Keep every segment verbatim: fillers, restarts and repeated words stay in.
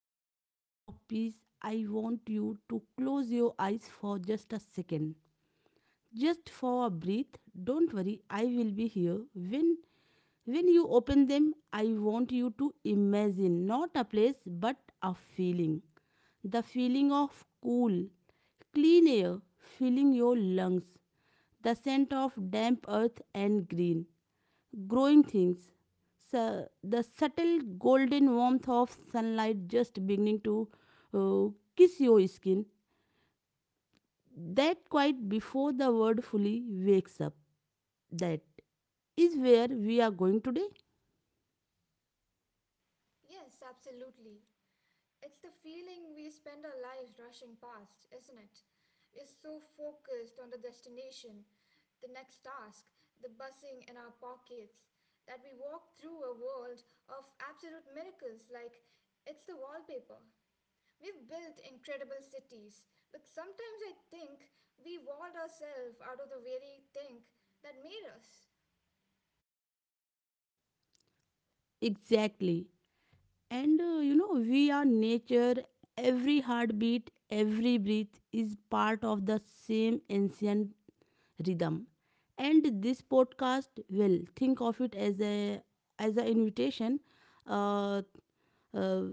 found this moment of peace, I want you to close your eyes for just a second. Just for a breath. Don't worry, I will be here. When when you open them, I want you to imagine not a place but a feeling. The feeling of cool, clean air filling your lungs, the scent of damp earth and green, growing things. So the subtle golden warmth of sunlight just beginning to uh, kiss your skin. That quite before the world fully wakes up. That is where we are going today. Yes, absolutely. It's the feeling we spend our lives rushing past, isn't it? We're so focused on the destination, the next task, the buzzing in our pockets, that we walk through a world of absolute miracles like it's the wallpaper. We've built incredible cities, but sometimes I think we walled ourselves out of the very thing that made us. Exactly. And uh, you know, we are nature. Every heartbeat, every breath is part of the same ancient rhythm. And this podcast, well, think of it as a as an invitation, uh, uh,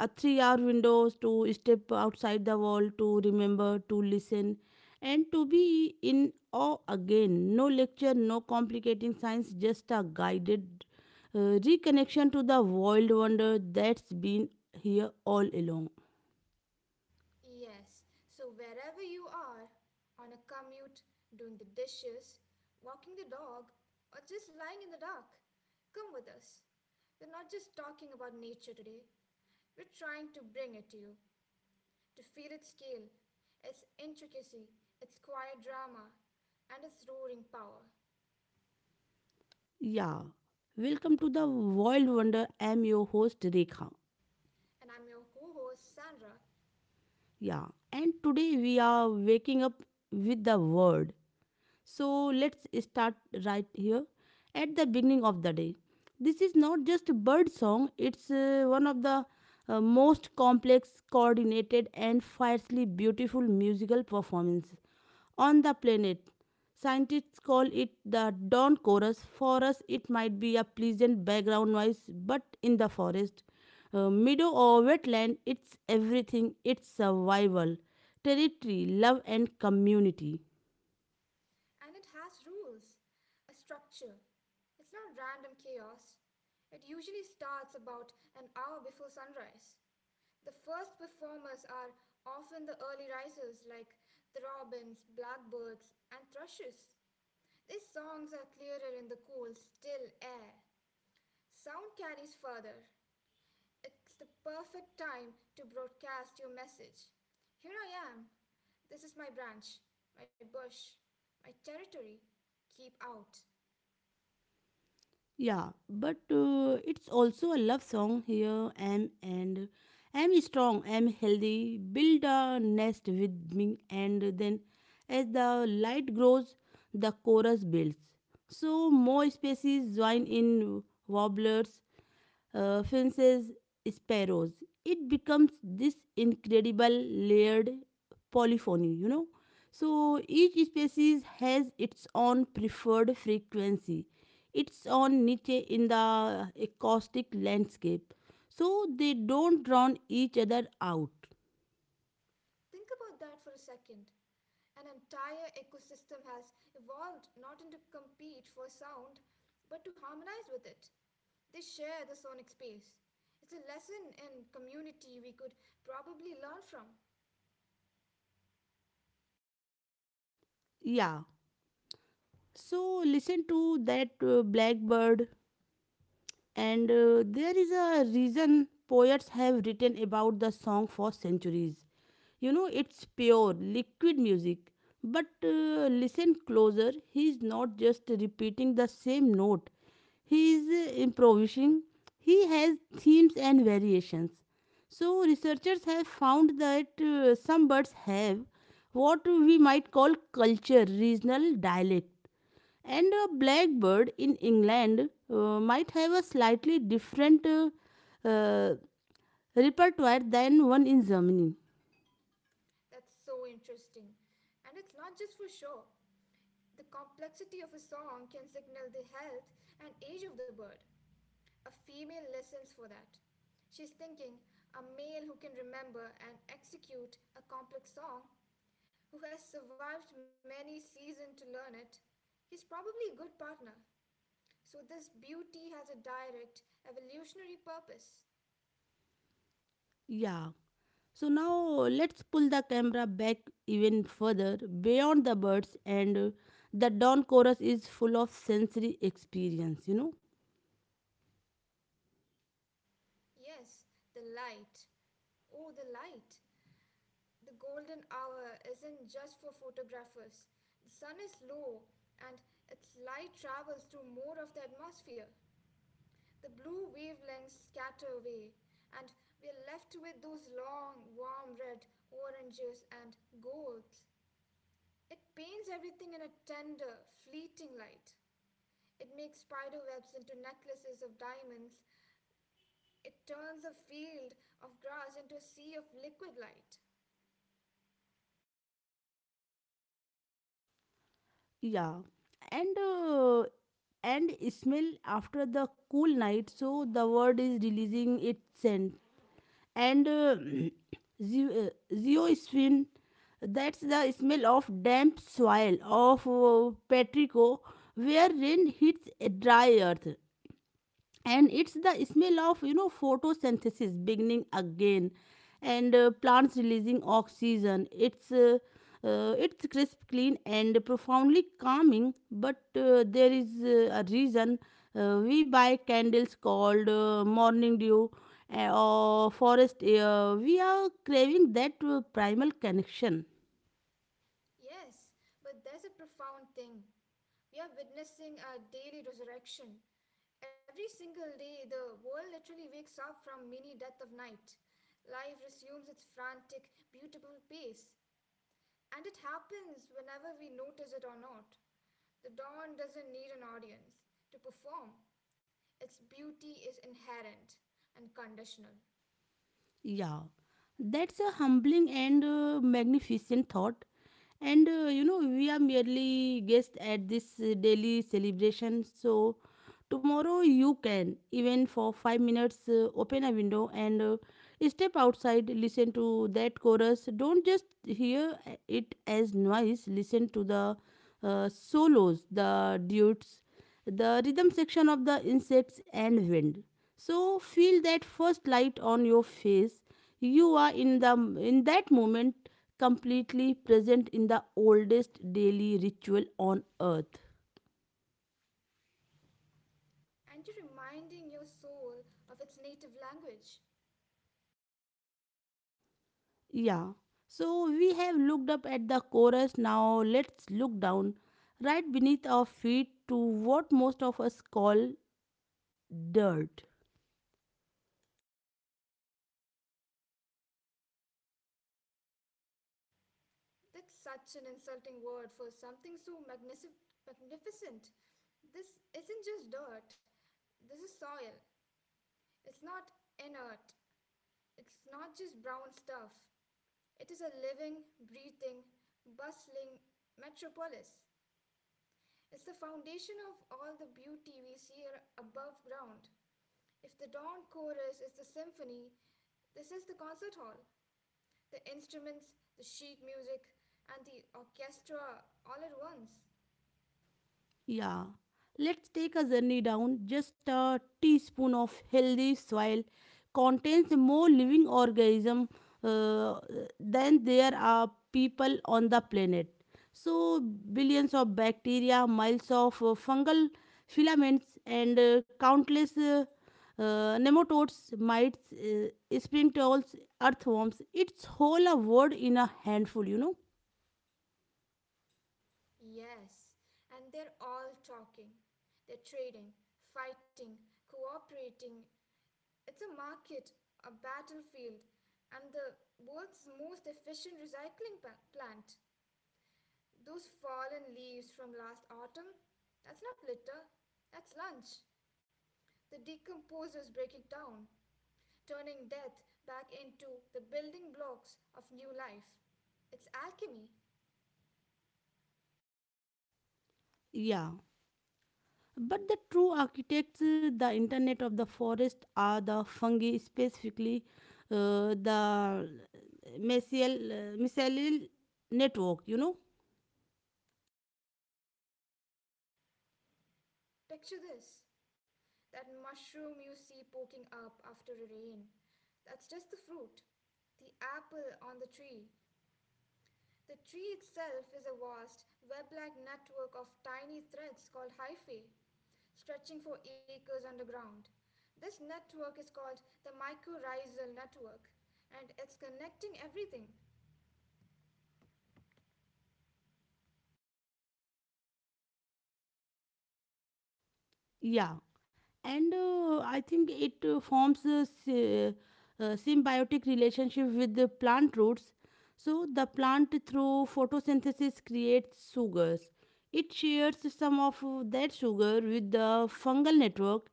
a three-hour window to step outside the wall, to remember, to listen, and to be in awe again. No lecture, no complicating science, just a guided uh, reconnection to the world wonder that's been here all along. Yes, so wherever you are, on a commute, doing the dishes, walking the dog, or just lying in the dark, come with us. We're not just talking about nature today, we're trying to bring it to you, to feel its scale, its intricacy, its quiet drama, and its roaring power. Yeah. Welcome to the World Wonder. I am your host Rekha. And I'm your co host, Sandra, Yeah, and today we are waking up with the word, so let's start right here at the beginning of the day. This is not just bird song, it's uh, one of the uh, most complex, coordinated, and fiercely beautiful musical performances on the planet. Scientists call it the dawn chorus. For us, it might be a pleasant background noise, but in the forest, uh, meadow, or wetland, it's everything. It's survival, territory, love, and community. and it has rules, a structure. It's not random chaos. It usually starts about an hour before sunrise. The first performers are often the early risers like the robins, blackbirds, and thrushes. These songs are clearer in the cool, still air. Sound carries further. It's the perfect time to broadcast your message. Here I am. This is my branch, my bush, my territory. Keep out. Yeah, but uh, it's also a love song here. Am and am strong, am healthy, build a nest with me. And then as the light grows, the chorus builds. So more species join in, warblers, uh, fences, sparrows. It becomes this incredible layered polyphony, you know. So each species has its own preferred frequency, its own niche in the acoustic landscape. So they don't drown each other out. Think about that for a second. An entire ecosystem has evolved not to compete for sound, but to harmonize with it. They share the sonic space. It's a lesson in community we could probably learn from. Yeah. So listen to that uh, blackbird. And uh, there is a reason poets have written about the song for centuries. You know, it's pure, liquid music. But uh, listen closer, he is not just repeating the same note, he is uh, improvising. He has themes and variations. So researchers have found that uh, some birds have what we might call culture, regional dialect, and a blackbird in England uh, might have a slightly different uh, uh, repertoire than one in Germany. That's so interesting. And it's not just for show. The complexity of a song can signal the health and age of the bird. A female listens for that. She's thinking, a male who can remember and execute a complex song, who has survived many seasons to learn it, he's probably a good partner. So, this beauty has a direct evolutionary purpose. Yeah. So now let's pull the camera back even further beyond the birds, and uh, the dawn chorus is full of sensory experience, you know. Yes, the light. Oh, the light. The golden hour isn't just for photographers. The sun is low and its light travels through more of the atmosphere. The blue wavelengths scatter away, and we're left with those long, warm red, oranges, and golds. It paints everything in a tender, fleeting light. It makes spider webs into necklaces of diamonds. It turns a field of grass into a sea of liquid light. Yeah. And uh, and smell. After the cool night, so the bird is releasing its scent and uh, ze- uh, zeosphin. That's the smell of damp soil of uh, Petrico, where rain hits a dry earth. And it's the smell of, you know photosynthesis beginning again, and uh, plants releasing oxygen. It's uh, uh, it's crisp, clean, and profoundly calming. But uh, there is uh, a reason uh, we buy candles called uh, morning dew uh, or forest air. We are craving that uh, primal connection. Yes, but there's a profound thing. We are witnessing a daily resurrection. Every single day, the world literally wakes up from mini death of night. Life resumes its frantic, beautiful pace, and it happens whenever we notice it or not. The dawn doesn't need an audience to perform, its beauty is inherent and conditional. Yeah, that's a humbling and uh, magnificent thought. And uh, you know, we are merely guests at this uh, daily celebration. So tomorrow, you can, even for 5 minutes, uh, open a window and uh, step outside. Listen to that chorus. Don't just hear uh, it as noise. Listen to the uh, solos, the duets, the rhythm section of the insects and wind. So feel that first light on your face. You are in the in that moment, completely present in the oldest daily ritual on earth. And you're reminding your soul of its native language. Yeah. So we have looked up at the chorus. Now let's look down right beneath our feet to what most of us call dirt. That's such an insulting word for something so magnific- magnificent. This isn't just dirt, this is soil. It's not inert, it's not just brown stuff. It is a living, breathing, bustling metropolis. It's the foundation of all the beauty we see ar- above ground. If the dawn chorus is the symphony, this is the concert hall. The instruments, the sheet music, and the orchestra all at once. Yeah. Let's take a journey down. Just a teaspoon of healthy soil contains more living organism uh, than there are people on the planet. So billions of bacteria, miles of uh, fungal filaments, and uh, countless uh, uh, nematodes, mites, uh, sprintrals, earthworms. It's whole a world in a handful. You know. Yes, and they're all talking. They're trading, fighting, cooperating. It's a market, a battlefield, and the world's most efficient recycling pa- plant. Those fallen leaves from last autumn, that's not litter, that's lunch. The decomposers break it down, turning death back into the building blocks of new life. It's alchemy. Yeah. But the true architects, uh, the internet of the forest, are the fungi, specifically uh, the mycel- uh, mycelial network, you know. Picture this. That mushroom you see poking up after a rain, that's just the fruit, the apple on the tree. The tree itself is a vast, web like network of tiny threads called hyphae, stretching for acres underground. This network is called the mycorrhizal network, and it's connecting everything. Yeah, and uh, I think it uh, forms a sy- uh, symbiotic relationship with the plant roots. So the plant, through photosynthesis, creates sugars. It shares some of that sugar with the fungal network,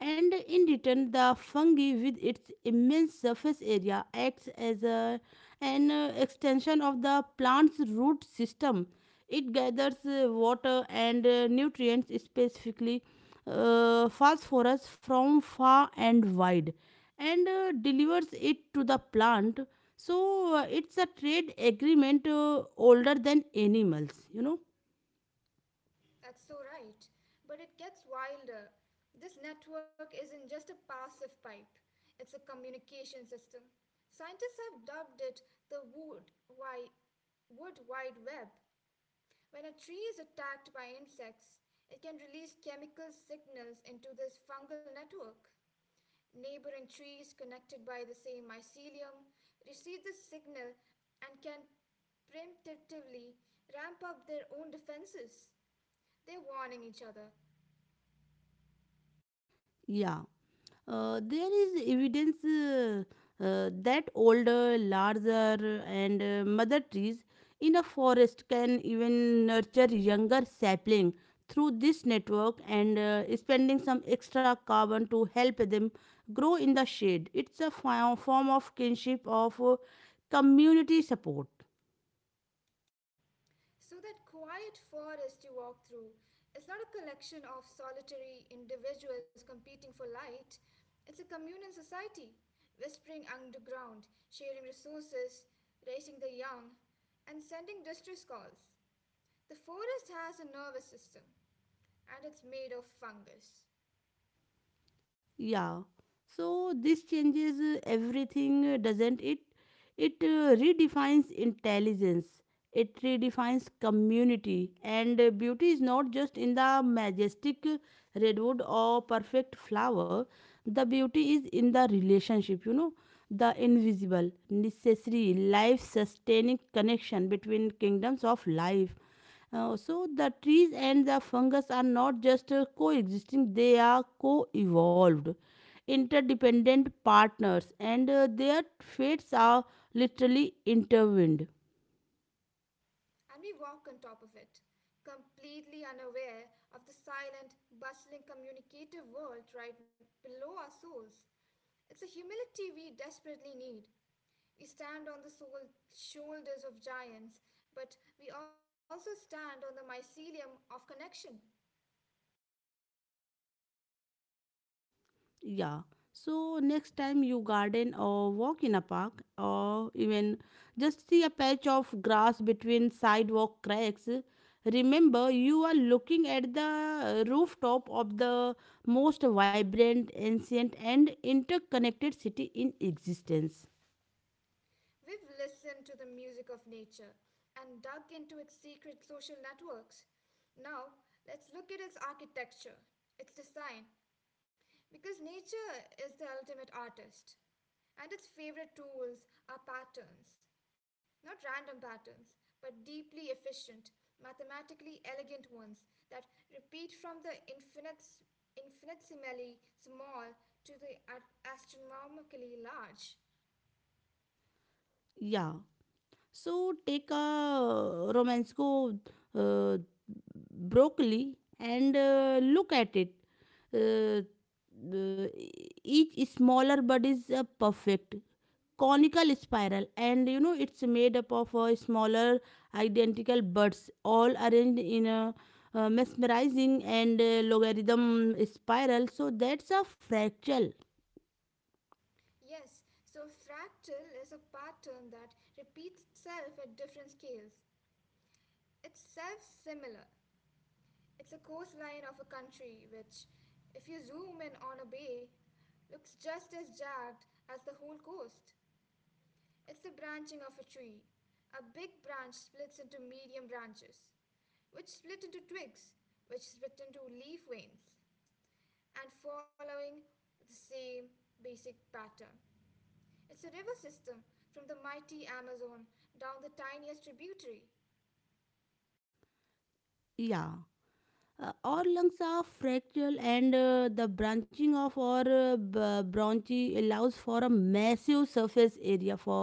and in return, the fungi, with its immense surface area, acts as a, an uh, extension of the plant's root system. It gathers uh, water and uh, nutrients, specifically uh, phosphorus, from far and wide, and uh, delivers it to the plant. So uh, it's a trade agreement uh, older than animals, you know. That's so right. But it gets wilder. This network isn't just a passive pipe, it's a communication system. Scientists have dubbed it the wood, wi- wood wide web. When a tree is attacked by insects, it can release chemical signals into this fungal network. Neighboring trees connected by the same mycelium receive the signal and can preemptively ramp up their own defenses. They're warning each other. Yeah. Uh, there is evidence uh, uh, that older, larger, and uh, mother trees in a forest can even nurture younger sapling through this network, and uh, spending some extra carbon to help them grow in the shade. It's a fi- form of kinship, of uh, community support. So, that quiet forest you walk through is not a collection of solitary individuals competing for light, it's a communal society, whispering underground, sharing resources, raising the young, and sending distress calls. The forest has a nervous system, and it's made of fungus. Yeah, so this changes uh, everything, uh, doesn't it? It uh, redefines intelligence, it redefines community, and uh, beauty is not just in the majestic uh, redwood or perfect flower. The beauty is in the relationship you know the invisible, necessary, life sustaining connection between kingdoms of life. Uh, so the trees and the fungus are not just uh, coexisting, they are co-evolved, interdependent partners, and uh, their fates are literally intertwined. And we walk on top of it, completely unaware of the silent, bustling, communicative world right below our souls. It's a humility we desperately need. We stand on the soul shoulders of giants, but we also stand on the mycelium of connection. Yeah. So next time you garden or walk in a park or even just see a patch of grass between sidewalk cracks, remember, you are looking at the rooftop of the most vibrant, ancient, and interconnected city in existence. We've listened to the music of nature and dug into its secret social networks. Now, let's look at its architecture, its design, because nature is the ultimate artist, and its favorite tools are patterns. Not random patterns, but deeply efficient, mathematically elegant ones that repeat from the infinite, infinitesimally small to the a- astronomically large. Yeah. So take a romance go uh, broccoli and uh, look at it. Uh, uh, each smaller bud is a perfect conical spiral, and you know it's made up of uh, smaller identical buds all arranged in a uh, mesmerizing and uh, logarithm spiral, so that's a fractal. Yes, so fractal is a pattern that repeats itself at different scales. It's self similar, it's a coastline of a country which, if you zoom in on a bay, looks just as jagged as the whole coast. It's the branching of a tree. A big branch splits into medium branches, which split into twigs, which split into leaf veins, and following the same basic pattern. It's a river system from the mighty Amazon down the tiniest tributary. Yeah. Uh, our lungs are fractal, and uh, the branching of our uh, b- bronchi allows for a massive surface area for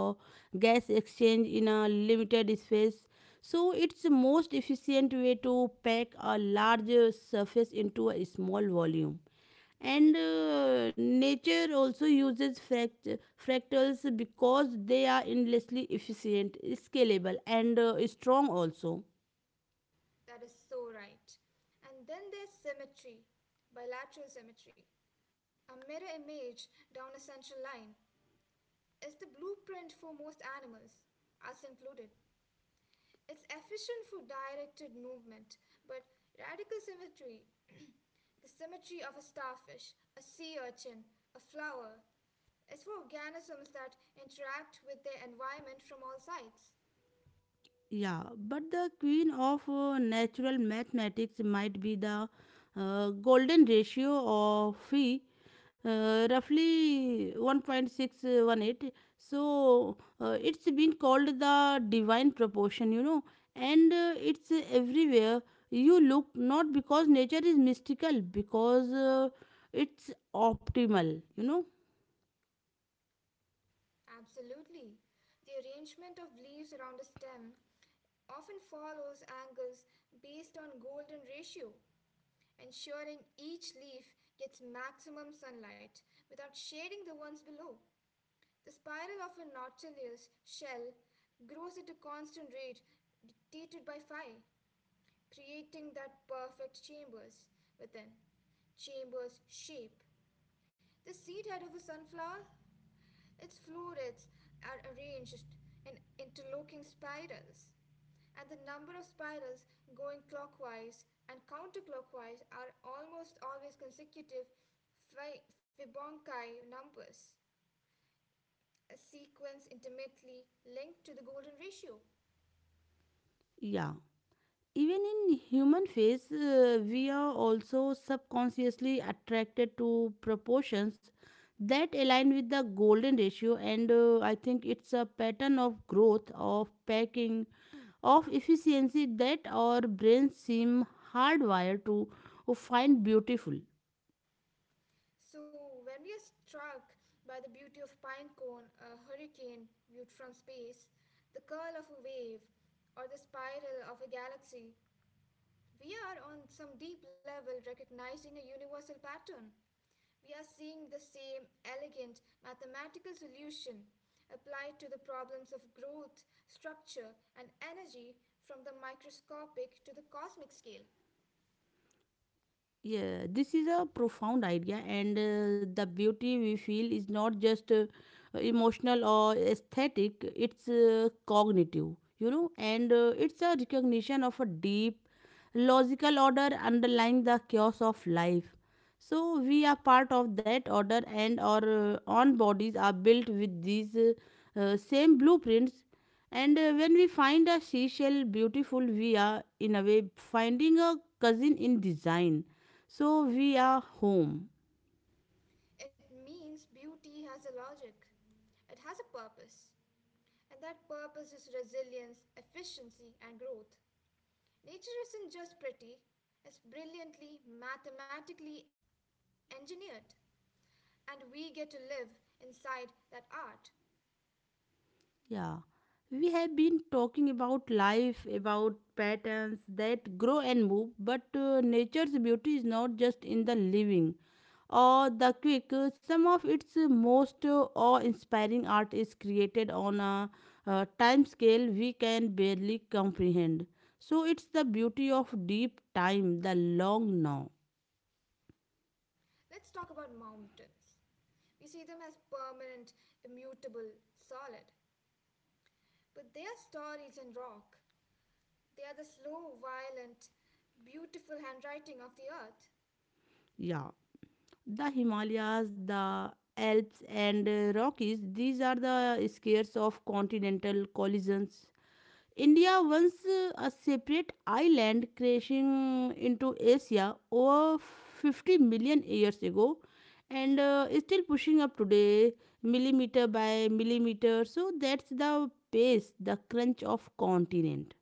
gas exchange in a limited space. So it's the most efficient way to pack a large uh, surface into a small volume. And uh, nature also uses fract- fractals because they are endlessly efficient, scalable, and uh, strong also. That is so right. And then there's symmetry, bilateral symmetry. A mirror image down a central line is the blueprint for most animals, us included. It's efficient for directed movement, but radical symmetry, the symmetry of a starfish, a sea urchin, a flower, is for organisms that interact with their environment from all sides. Yeah, but the queen of uh, natural mathematics might be the uh, golden ratio of phi, uh, roughly one point six one eight. So uh, it's been called the divine proportion, you know, and uh, it's everywhere you look, not because nature is mystical, because uh, it's optimal, you know. Absolutely. The arrangement of leaves around a stem often follows angles based on golden ratio, ensuring each leaf gets maximum sunlight without shading the ones below. The spiral of a nautilus shell grows at a constant rate dictated by phi, creating that perfect chambers within. Chambers shape. The seed head of a sunflower, its florets are arranged in interlocking spirals, and the number of spirals going clockwise and counterclockwise are almost always consecutive Fibonacci numbers, a sequence intimately linked to the golden ratio. Yeah. Even in human face, uh, we are also subconsciously attracted to proportions that align with the golden ratio, and uh, I think it's a pattern of growth, of packing, of efficiency that our brains seem hardwired to find beautiful. So, when we are struck by the beauty of pinecone, a hurricane viewed from space, the curl of a wave, or the spiral of a galaxy, we are on some deep level recognizing a universal pattern. We are seeing the same elegant mathematical solution applied to the problems of growth, structure, and energy from the microscopic to the cosmic scale. Yeah, this is a profound idea, and uh, the beauty we feel is not just uh, emotional or aesthetic, it's uh, cognitive, you know, and uh, it's a recognition of a deep, logical order underlying the chaos of life. So we are part of that order, and our uh, own bodies are built with these uh, uh, same blueprints. And uh, when we find a seashell beautiful, we are, in a way, finding a cousin in design, so we are home. It means beauty has a logic, it has a purpose, and that purpose is resilience, efficiency, and growth. Nature isn't just pretty, it's brilliantly mathematically engineered. And we get to live inside that art. Yeah. We have been talking about life, about patterns that grow and move, but uh, nature's beauty is not just in the living or the quick. Uh, Some of its most uh, awe inspiring art is created on a, uh time scale we can barely comprehend. So it's the beauty of deep time, the long now. Let's talk about mountains. We see them as permanent, immutable, solid. But they are stories in rock. They are the slow, violent, beautiful handwriting of the earth. Yeah. The Himalayas, the Alps, and uh, Rockies. These are the scares of continental collisions. India, once uh, a separate island, crashing into Asia over 50 million years ago, and uh, is still pushing up today, millimeter by millimeter. So that's the pace, the crunch of continent.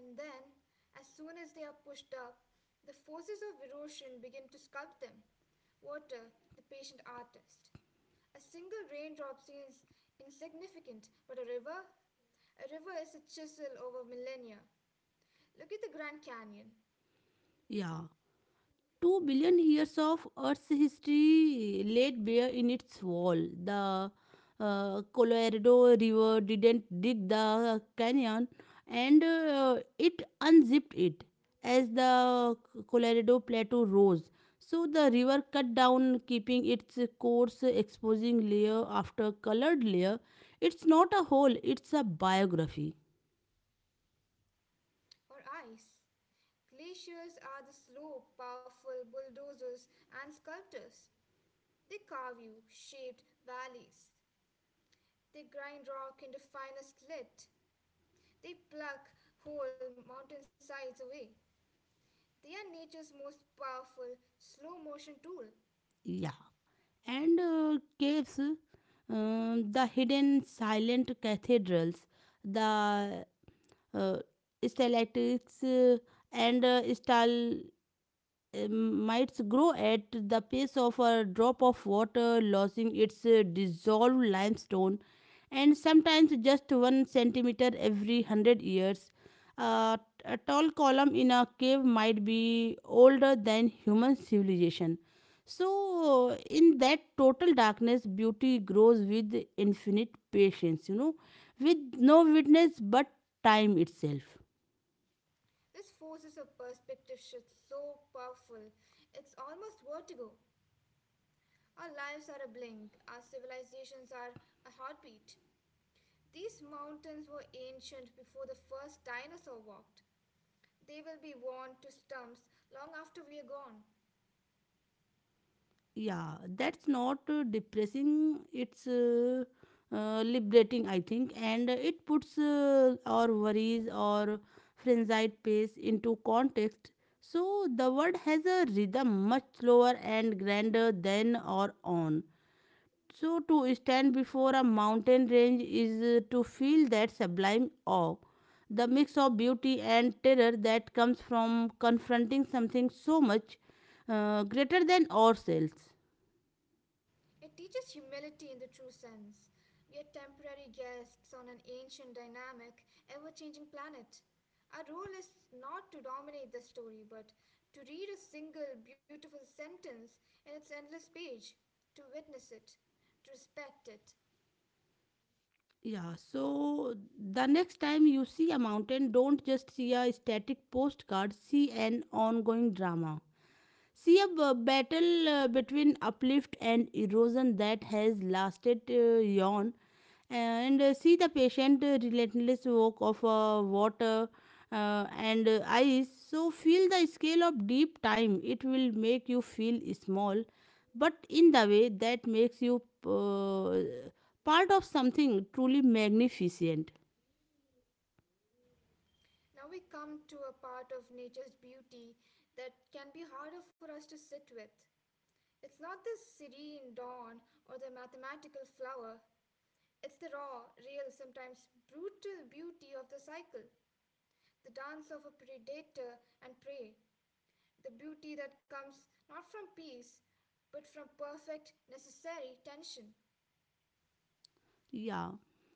And then, as soon as they are pushed up, the forces of erosion begin to sculpt them. Water, the patient artist. A single raindrop seems insignificant, but a river? A river is a chisel over millennia. Look at the Grand Canyon, Yeah. 2 billion years of Earth's history laid bare in its wall. The uh, Colorado River didn't dig the canyon, and uh, it unzipped it as the Colorado Plateau rose. So the river cut down, keeping its course, exposing layer after colored layer. It's not a hole, it's a biography. or ice. Glaciers are the slow, powerful bulldozers and sculptors. They carve you shaped valleys. They grind rock into finest grit. They pluck whole mountainsides away. They are nature's most powerful slow motion tool. Yeah. and uh, caves, um, the hidden silent cathedrals, the uh, stalactites uh, and uh, stal um, mites grow at the pace of a drop of water, losing its uh, dissolved limestone, and sometimes just one centimeter every hundred years. Uh, a tall column in a cave might be older than human civilization. So in that total darkness, beauty grows with infinite patience, you know, with no witness but time itself. This forces a perspective shift so powerful, it's almost vertigo. Our lives are a blink, our civilizations are a heartbeat. These mountains were ancient before the first dinosaur walked. They will be worn to stumps long after we are gone. yeah that's not uh, depressing. It's uh, uh, liberating, I think, and uh, it puts uh, our worries or frenzied pace into context. So the world has a rhythm much slower and grander than our own. So to stand before a mountain range is uh, to feel that sublime awe, the mix of beauty and terror that comes from confronting something so much uh, greater than ourselves. It teaches humility in the true sense. We are temporary guests on an ancient, dynamic, ever changing planet. Our role is not to dominate the story, but to read a single beautiful sentence in its endless page, to witness it, to respect it. Yeah, so the next time you see a mountain, don't just see a static postcard, see an ongoing drama. See a b- battle uh, between uplift and erosion that has lasted uh, yon, and uh, see the patient, uh, relentless work of uh, water uh, and uh, ice. So feel the scale of deep time. It will make you feel small, but in the way that makes you uh, part of something truly magnificent. Now we come to a part of nature's beauty that can be harder for us to sit with. It's not the serene dawn or the mathematical flower. It's the raw, real, sometimes brutal beauty of the cycle, the dance of a predator and prey, the beauty that comes not from peace, but from perfect, necessary tension. Yeah.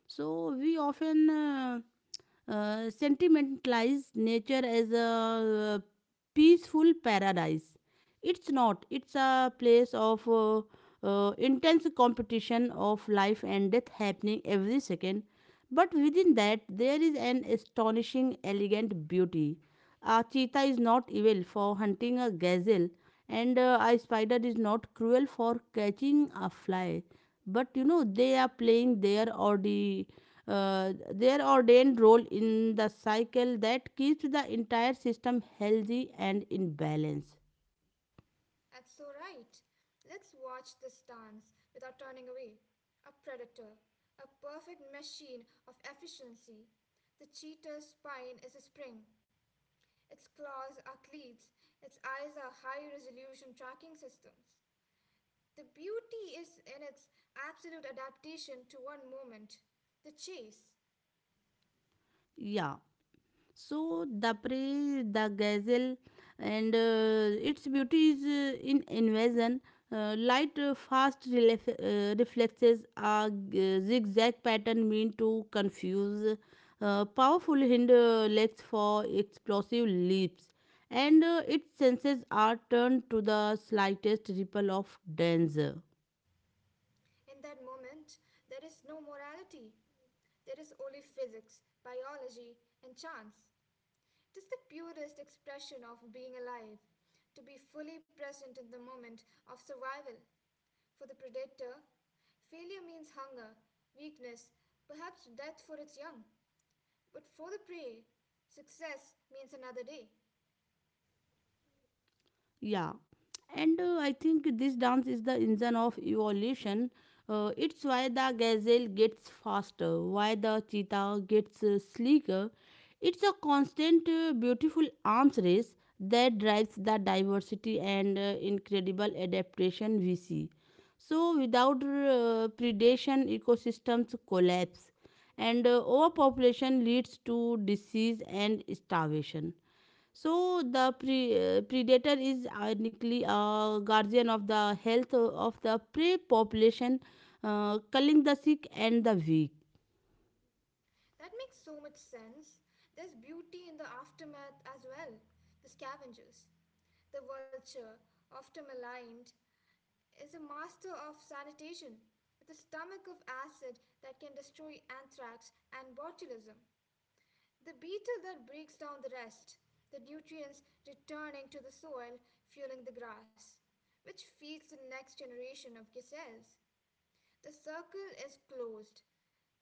So we often. Uh, uh, sentimentalize nature as a uh, peaceful paradise. It's not. It's a place of uh, uh, intense competition, of life and death happening every second. But within that, there is an astonishing, elegant beauty. A cheetah is not evil for hunting a gazelle, and uh, a spider is not cruel for catching a fly. But, you know, they are playing their ordi uh, their ordained role in the cycle that keeps the entire system healthy and in balance. That's so right. Let's watch this dance without turning away. A predator, a perfect machine of efficiency. The cheetah's spine is a spring. Its claws are cleats, its eyes are high resolution tracking systems. The beauty is in its absolute adaptation to one moment, the chase. Yeah. So the prey, the gazelle, and uh, its beauty is uh, in invasion. Uh, light, uh, fast relef- uh, reflexes, are uh, zigzag pattern meant to confuse. Uh, powerful hind uh, legs for explosive leaps, and uh, its senses are turned to the slightest ripple of danger. In that moment, there is no morality. There is only physics, biology, and chance. It is the purest expression of being alive, to be fully present in the moment of survival. For the predator, failure means hunger, weakness, perhaps death for its young. But for the prey, success means another day. Yeah, and uh, I think this dance is the engine of evolution. Uh, it's why the gazelle gets faster, why the cheetah gets uh, sleeker. It's a constant, uh, beautiful arms race that drives the diversity and uh, incredible adaptation we see. So, without uh, predation, ecosystems collapse, and uh, overpopulation leads to disease and starvation. So the pre- uh, predator is ironically a guardian of the health of the prey population, uh, culling the sick and the weak. That makes so much sense. There's beauty in the aftermath as well. The scavengers. The vulture, often maligned, is a master of sanitation with a stomach of acid that can destroy anthrax and botulism. The beetle that breaks down the rest, the nutrients returning to the soil, fueling the grass, which feeds the next generation of gazelles. The circle is closed,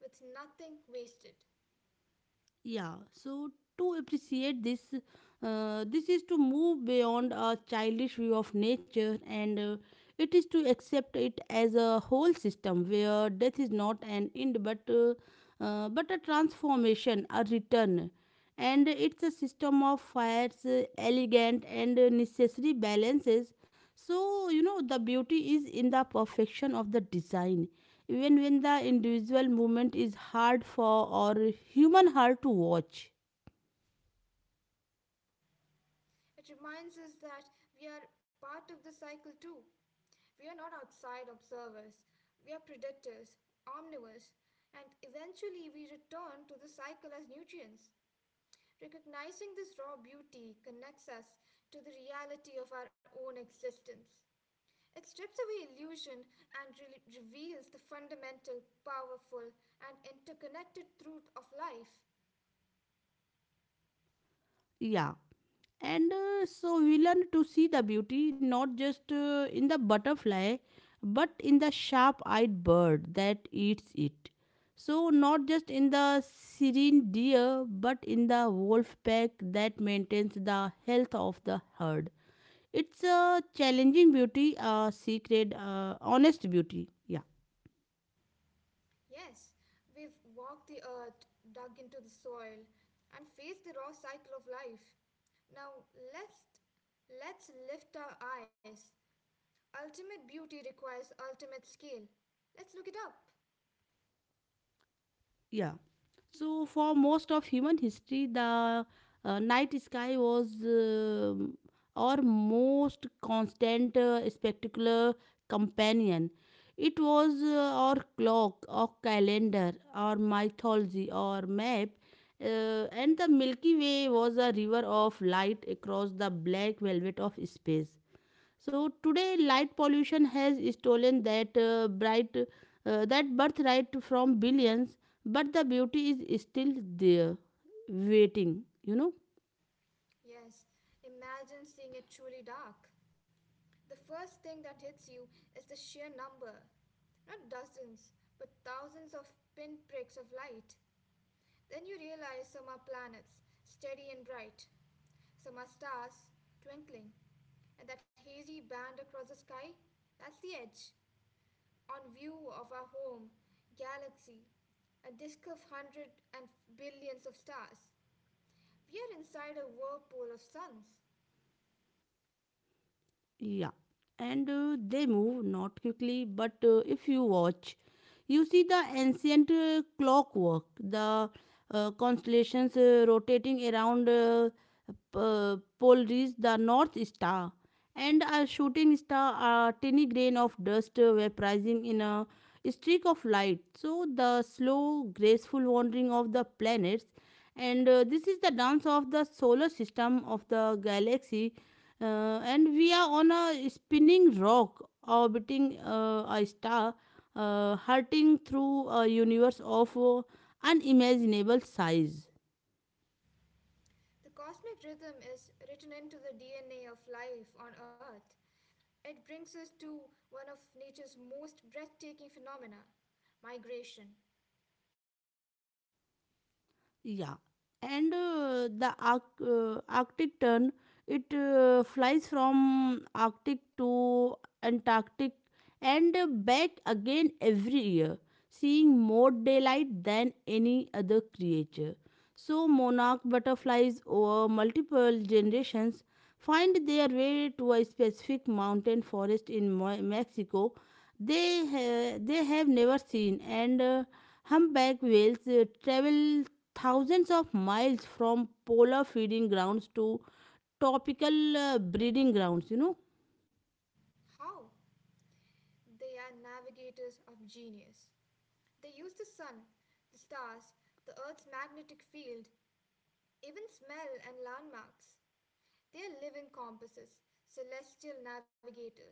with nothing wasted. Yeah. So to appreciate this, uh, this is to move beyond a childish view of nature, and uh, it is to accept it as a whole system where death is not an end, but uh, uh, but a transformation, a return. And it's a system of fires, uh, elegant and uh, necessary balances. So, you know, the beauty is in the perfection of the design. Even when the individual movement is hard for, or human, hard to watch. It reminds us that we are part of the cycle too. We are not outside observers, we are predators, omnivores, and eventually we return to the cycle as nutrients. Recognizing this raw beauty connects us to the reality of our own existence. It strips away illusion and re- reveals the fundamental, powerful, and interconnected truth of life. Yeah. And uh, so we learn to see the beauty, not just uh, in the butterfly, but in the sharp eyed bird that eats it. So, not just in the serene deer, but in the wolf pack that maintains the health of the herd. It's a challenging beauty, a secret, uh, honest beauty. Yeah. Yes, we've walked the earth, dug into the soil, and faced the raw cycle of life. Now let's let's lift our eyes. Ultimate beauty requires ultimate skill. Let's look it up. Yeah. So for most of human history, the uh, night sky was um our most constant, uh, spectacular companion. It was uh, our clock, our calendar, our mythology, our map, uh, and the Milky Way was a river of light across the black velvet of space. So today, light pollution has stolen that uh, bright, uh, that birthright from billions, but the beauty is still there, waiting, you know. Yes, imagine seeing it truly dark. The first thing that hits you is the sheer number. Not dozens, but thousands of pinpricks of light. Then you realize some are planets, steady and bright, some are stars, twinkling, and that hazy band across the sky? That's the edge, on view of our home, galaxy, a disk of hundreds and billions of stars. We are inside a whirlpool of suns. Yeah, and uh, they move not quickly, but uh, if you watch, you see the ancient uh, clockwork, the uh, constellations uh, rotating around uh, p- uh, polaris, the North Star, and a shooting star, a tiny grain of dust uh, vaporizing in a streak of light. So, the slow, graceful wandering of the planets, and uh, this is the dance of the solar system, of the galaxy. Uh, and we are on a spinning rock orbiting uh, a star, uh, hurtling through a universe of uh, unimaginable size. The cosmic rhythm is written into the D N A of life on Earth. It brings us to one of nature's most breathtaking phenomena, migration. Yeah, and uh, the Arc- uh, Arctic tern, it uh, flies from Arctic to Antarctic and uh, back again every year, seeing more daylight than any other creature. So monarch butterflies, over multiple generations, find their way to a specific mountain forest in Mo- Mexico they ha- they have never seen, and uh, humpback whales uh, travel thousands of miles from polar feeding grounds to tropical uh, breeding grounds, you know. How? They are navigators of genius. They use the sun, the stars, the earth's magnetic field, even smell and landmarks. They are living compasses, celestial navigators.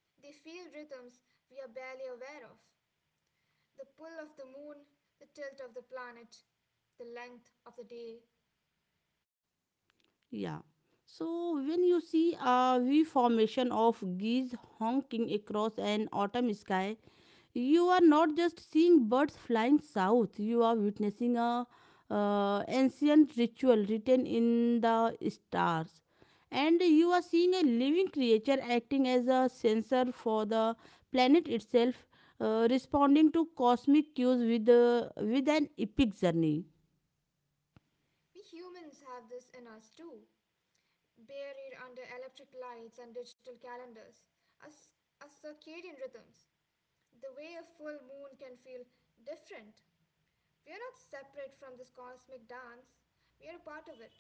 They feel rhythms we are barely aware of, the pull of the moon, the tilt of the planet, the length of the day. Yeah, so when you see a v formation of geese honking across an autumn sky, you are not just seeing birds flying south, you are witnessing a uh, ancient ritual written in the stars. And you are seeing a living creature acting as a sensor for the planet itself, uh, responding to cosmic cues with, uh, with an epic journey. We humans have this in us too. Buried under electric lights and digital calendars, are, s- are circadian rhythms. The way a full moon can feel different. We are not separate from this cosmic dance, we are a part of it.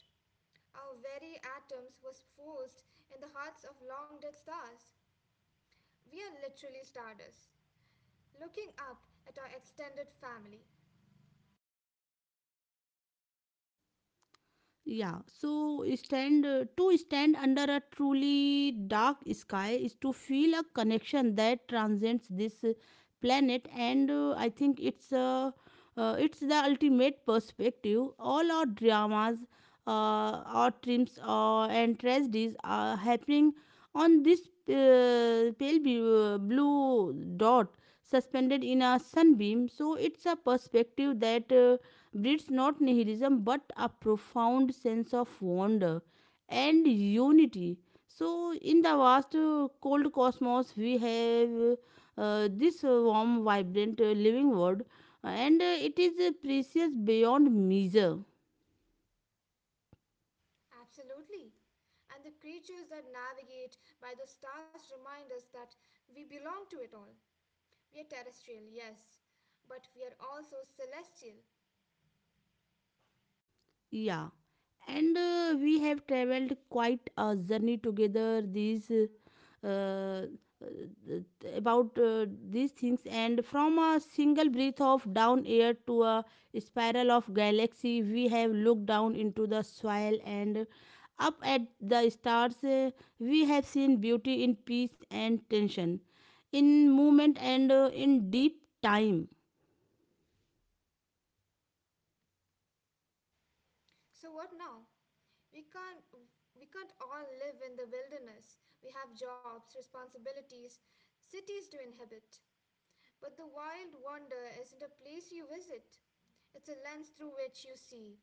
Our very atoms was forged in the hearts of long dead stars. We are literally stardust, looking up at our extended family. Yeah, so stand uh, to stand under a truly dark sky is to feel a connection that transcends this uh, planet, and uh, I think it's uh, uh, it's the ultimate perspective. All our dramas, uh, our triumphs, uh, and tragedies are happening on this uh, pale bu- blue dot suspended in a sunbeam. So it's a perspective that. Uh, breeds not nihilism but a profound sense of wonder and unity. So, in the vast, uh, cold cosmos, we have uh, this uh, warm, vibrant, uh, living world, and uh, it is uh, precious beyond measure. Absolutely. And the creatures that navigate by the stars remind us that we belong to it all. We are terrestrial, yes, but we are also celestial. Yeah, and uh, we have traveled quite a journey together. These uh, uh, about uh, these things, and from a single breath of down air to a spiral of galaxy, we have looked down into the soil and up at the stars. Uh, we have seen beauty in peace and tension, in movement and uh, in deep time. So what now? We can't we can't all live in the wilderness. We have jobs, responsibilities, cities to inhabit. But the wild wonder isn't a place you visit. It's a lens through which you see.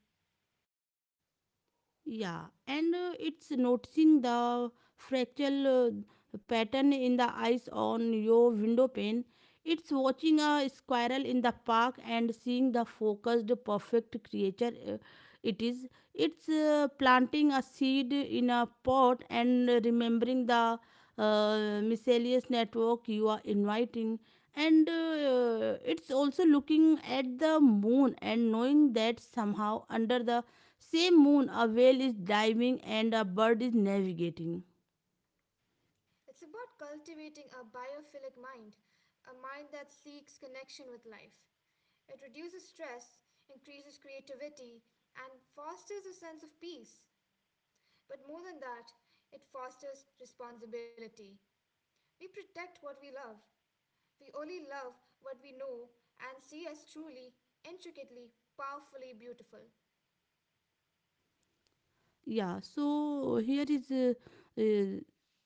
Yeah, and uh, it's noticing the fractal uh, pattern in the ice on your window pane. It's watching a squirrel in the park and seeing the focused, perfect creature uh, it is. It's uh, planting a seed in a pot and remembering the uh, miscellaneous network you are inviting. And uh, it's also looking at the moon and knowing that somehow under the same moon, a whale is diving and a bird is navigating. It's about cultivating a biophilic mind, a mind that seeks connection with life. It reduces stress, increases creativity, and fosters a sense of peace. But more than that, it fosters responsibility. We protect what we love. We only love what we know and see as truly, intricately, powerfully beautiful. Yeah, so here is uh, uh,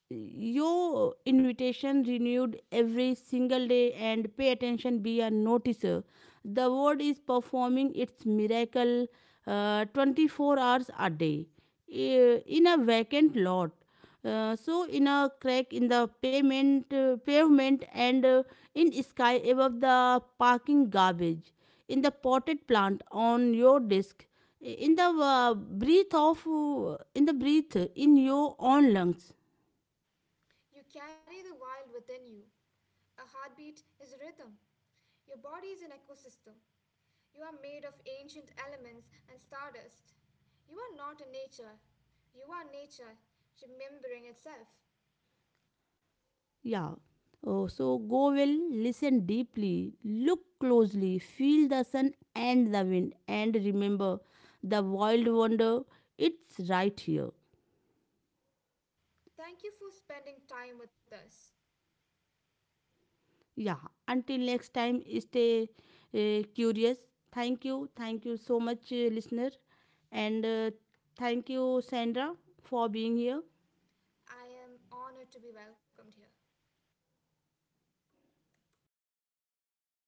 your invitation renewed every single day. And pay attention, be a noticer. The word is performing its miracle uh, twenty-four hours a day, eh, in a vacant lot. Uh, so in a crack in the pavement, uh, pavement, and uh, in sky above the parking garbage, in the potted plant on your desk, in the uh, breath of uh, in the breath in your own lungs. You carry the wild within you. A heartbeat is a rhythm. Your body is an ecosystem. You are made of ancient elements and stardust. You are not in nature. You are nature remembering itself. Yeah. Oh, so go well, listen deeply, look closely, feel the sun and the wind, and remember the wild wonder, it's right here. Thank you for spending time with us. Yeah. Until next time, stay uh, curious. Thank you. Thank you so much, uh, listener. And uh, thank you, Sandra, for being here. I am honored to be welcomed here.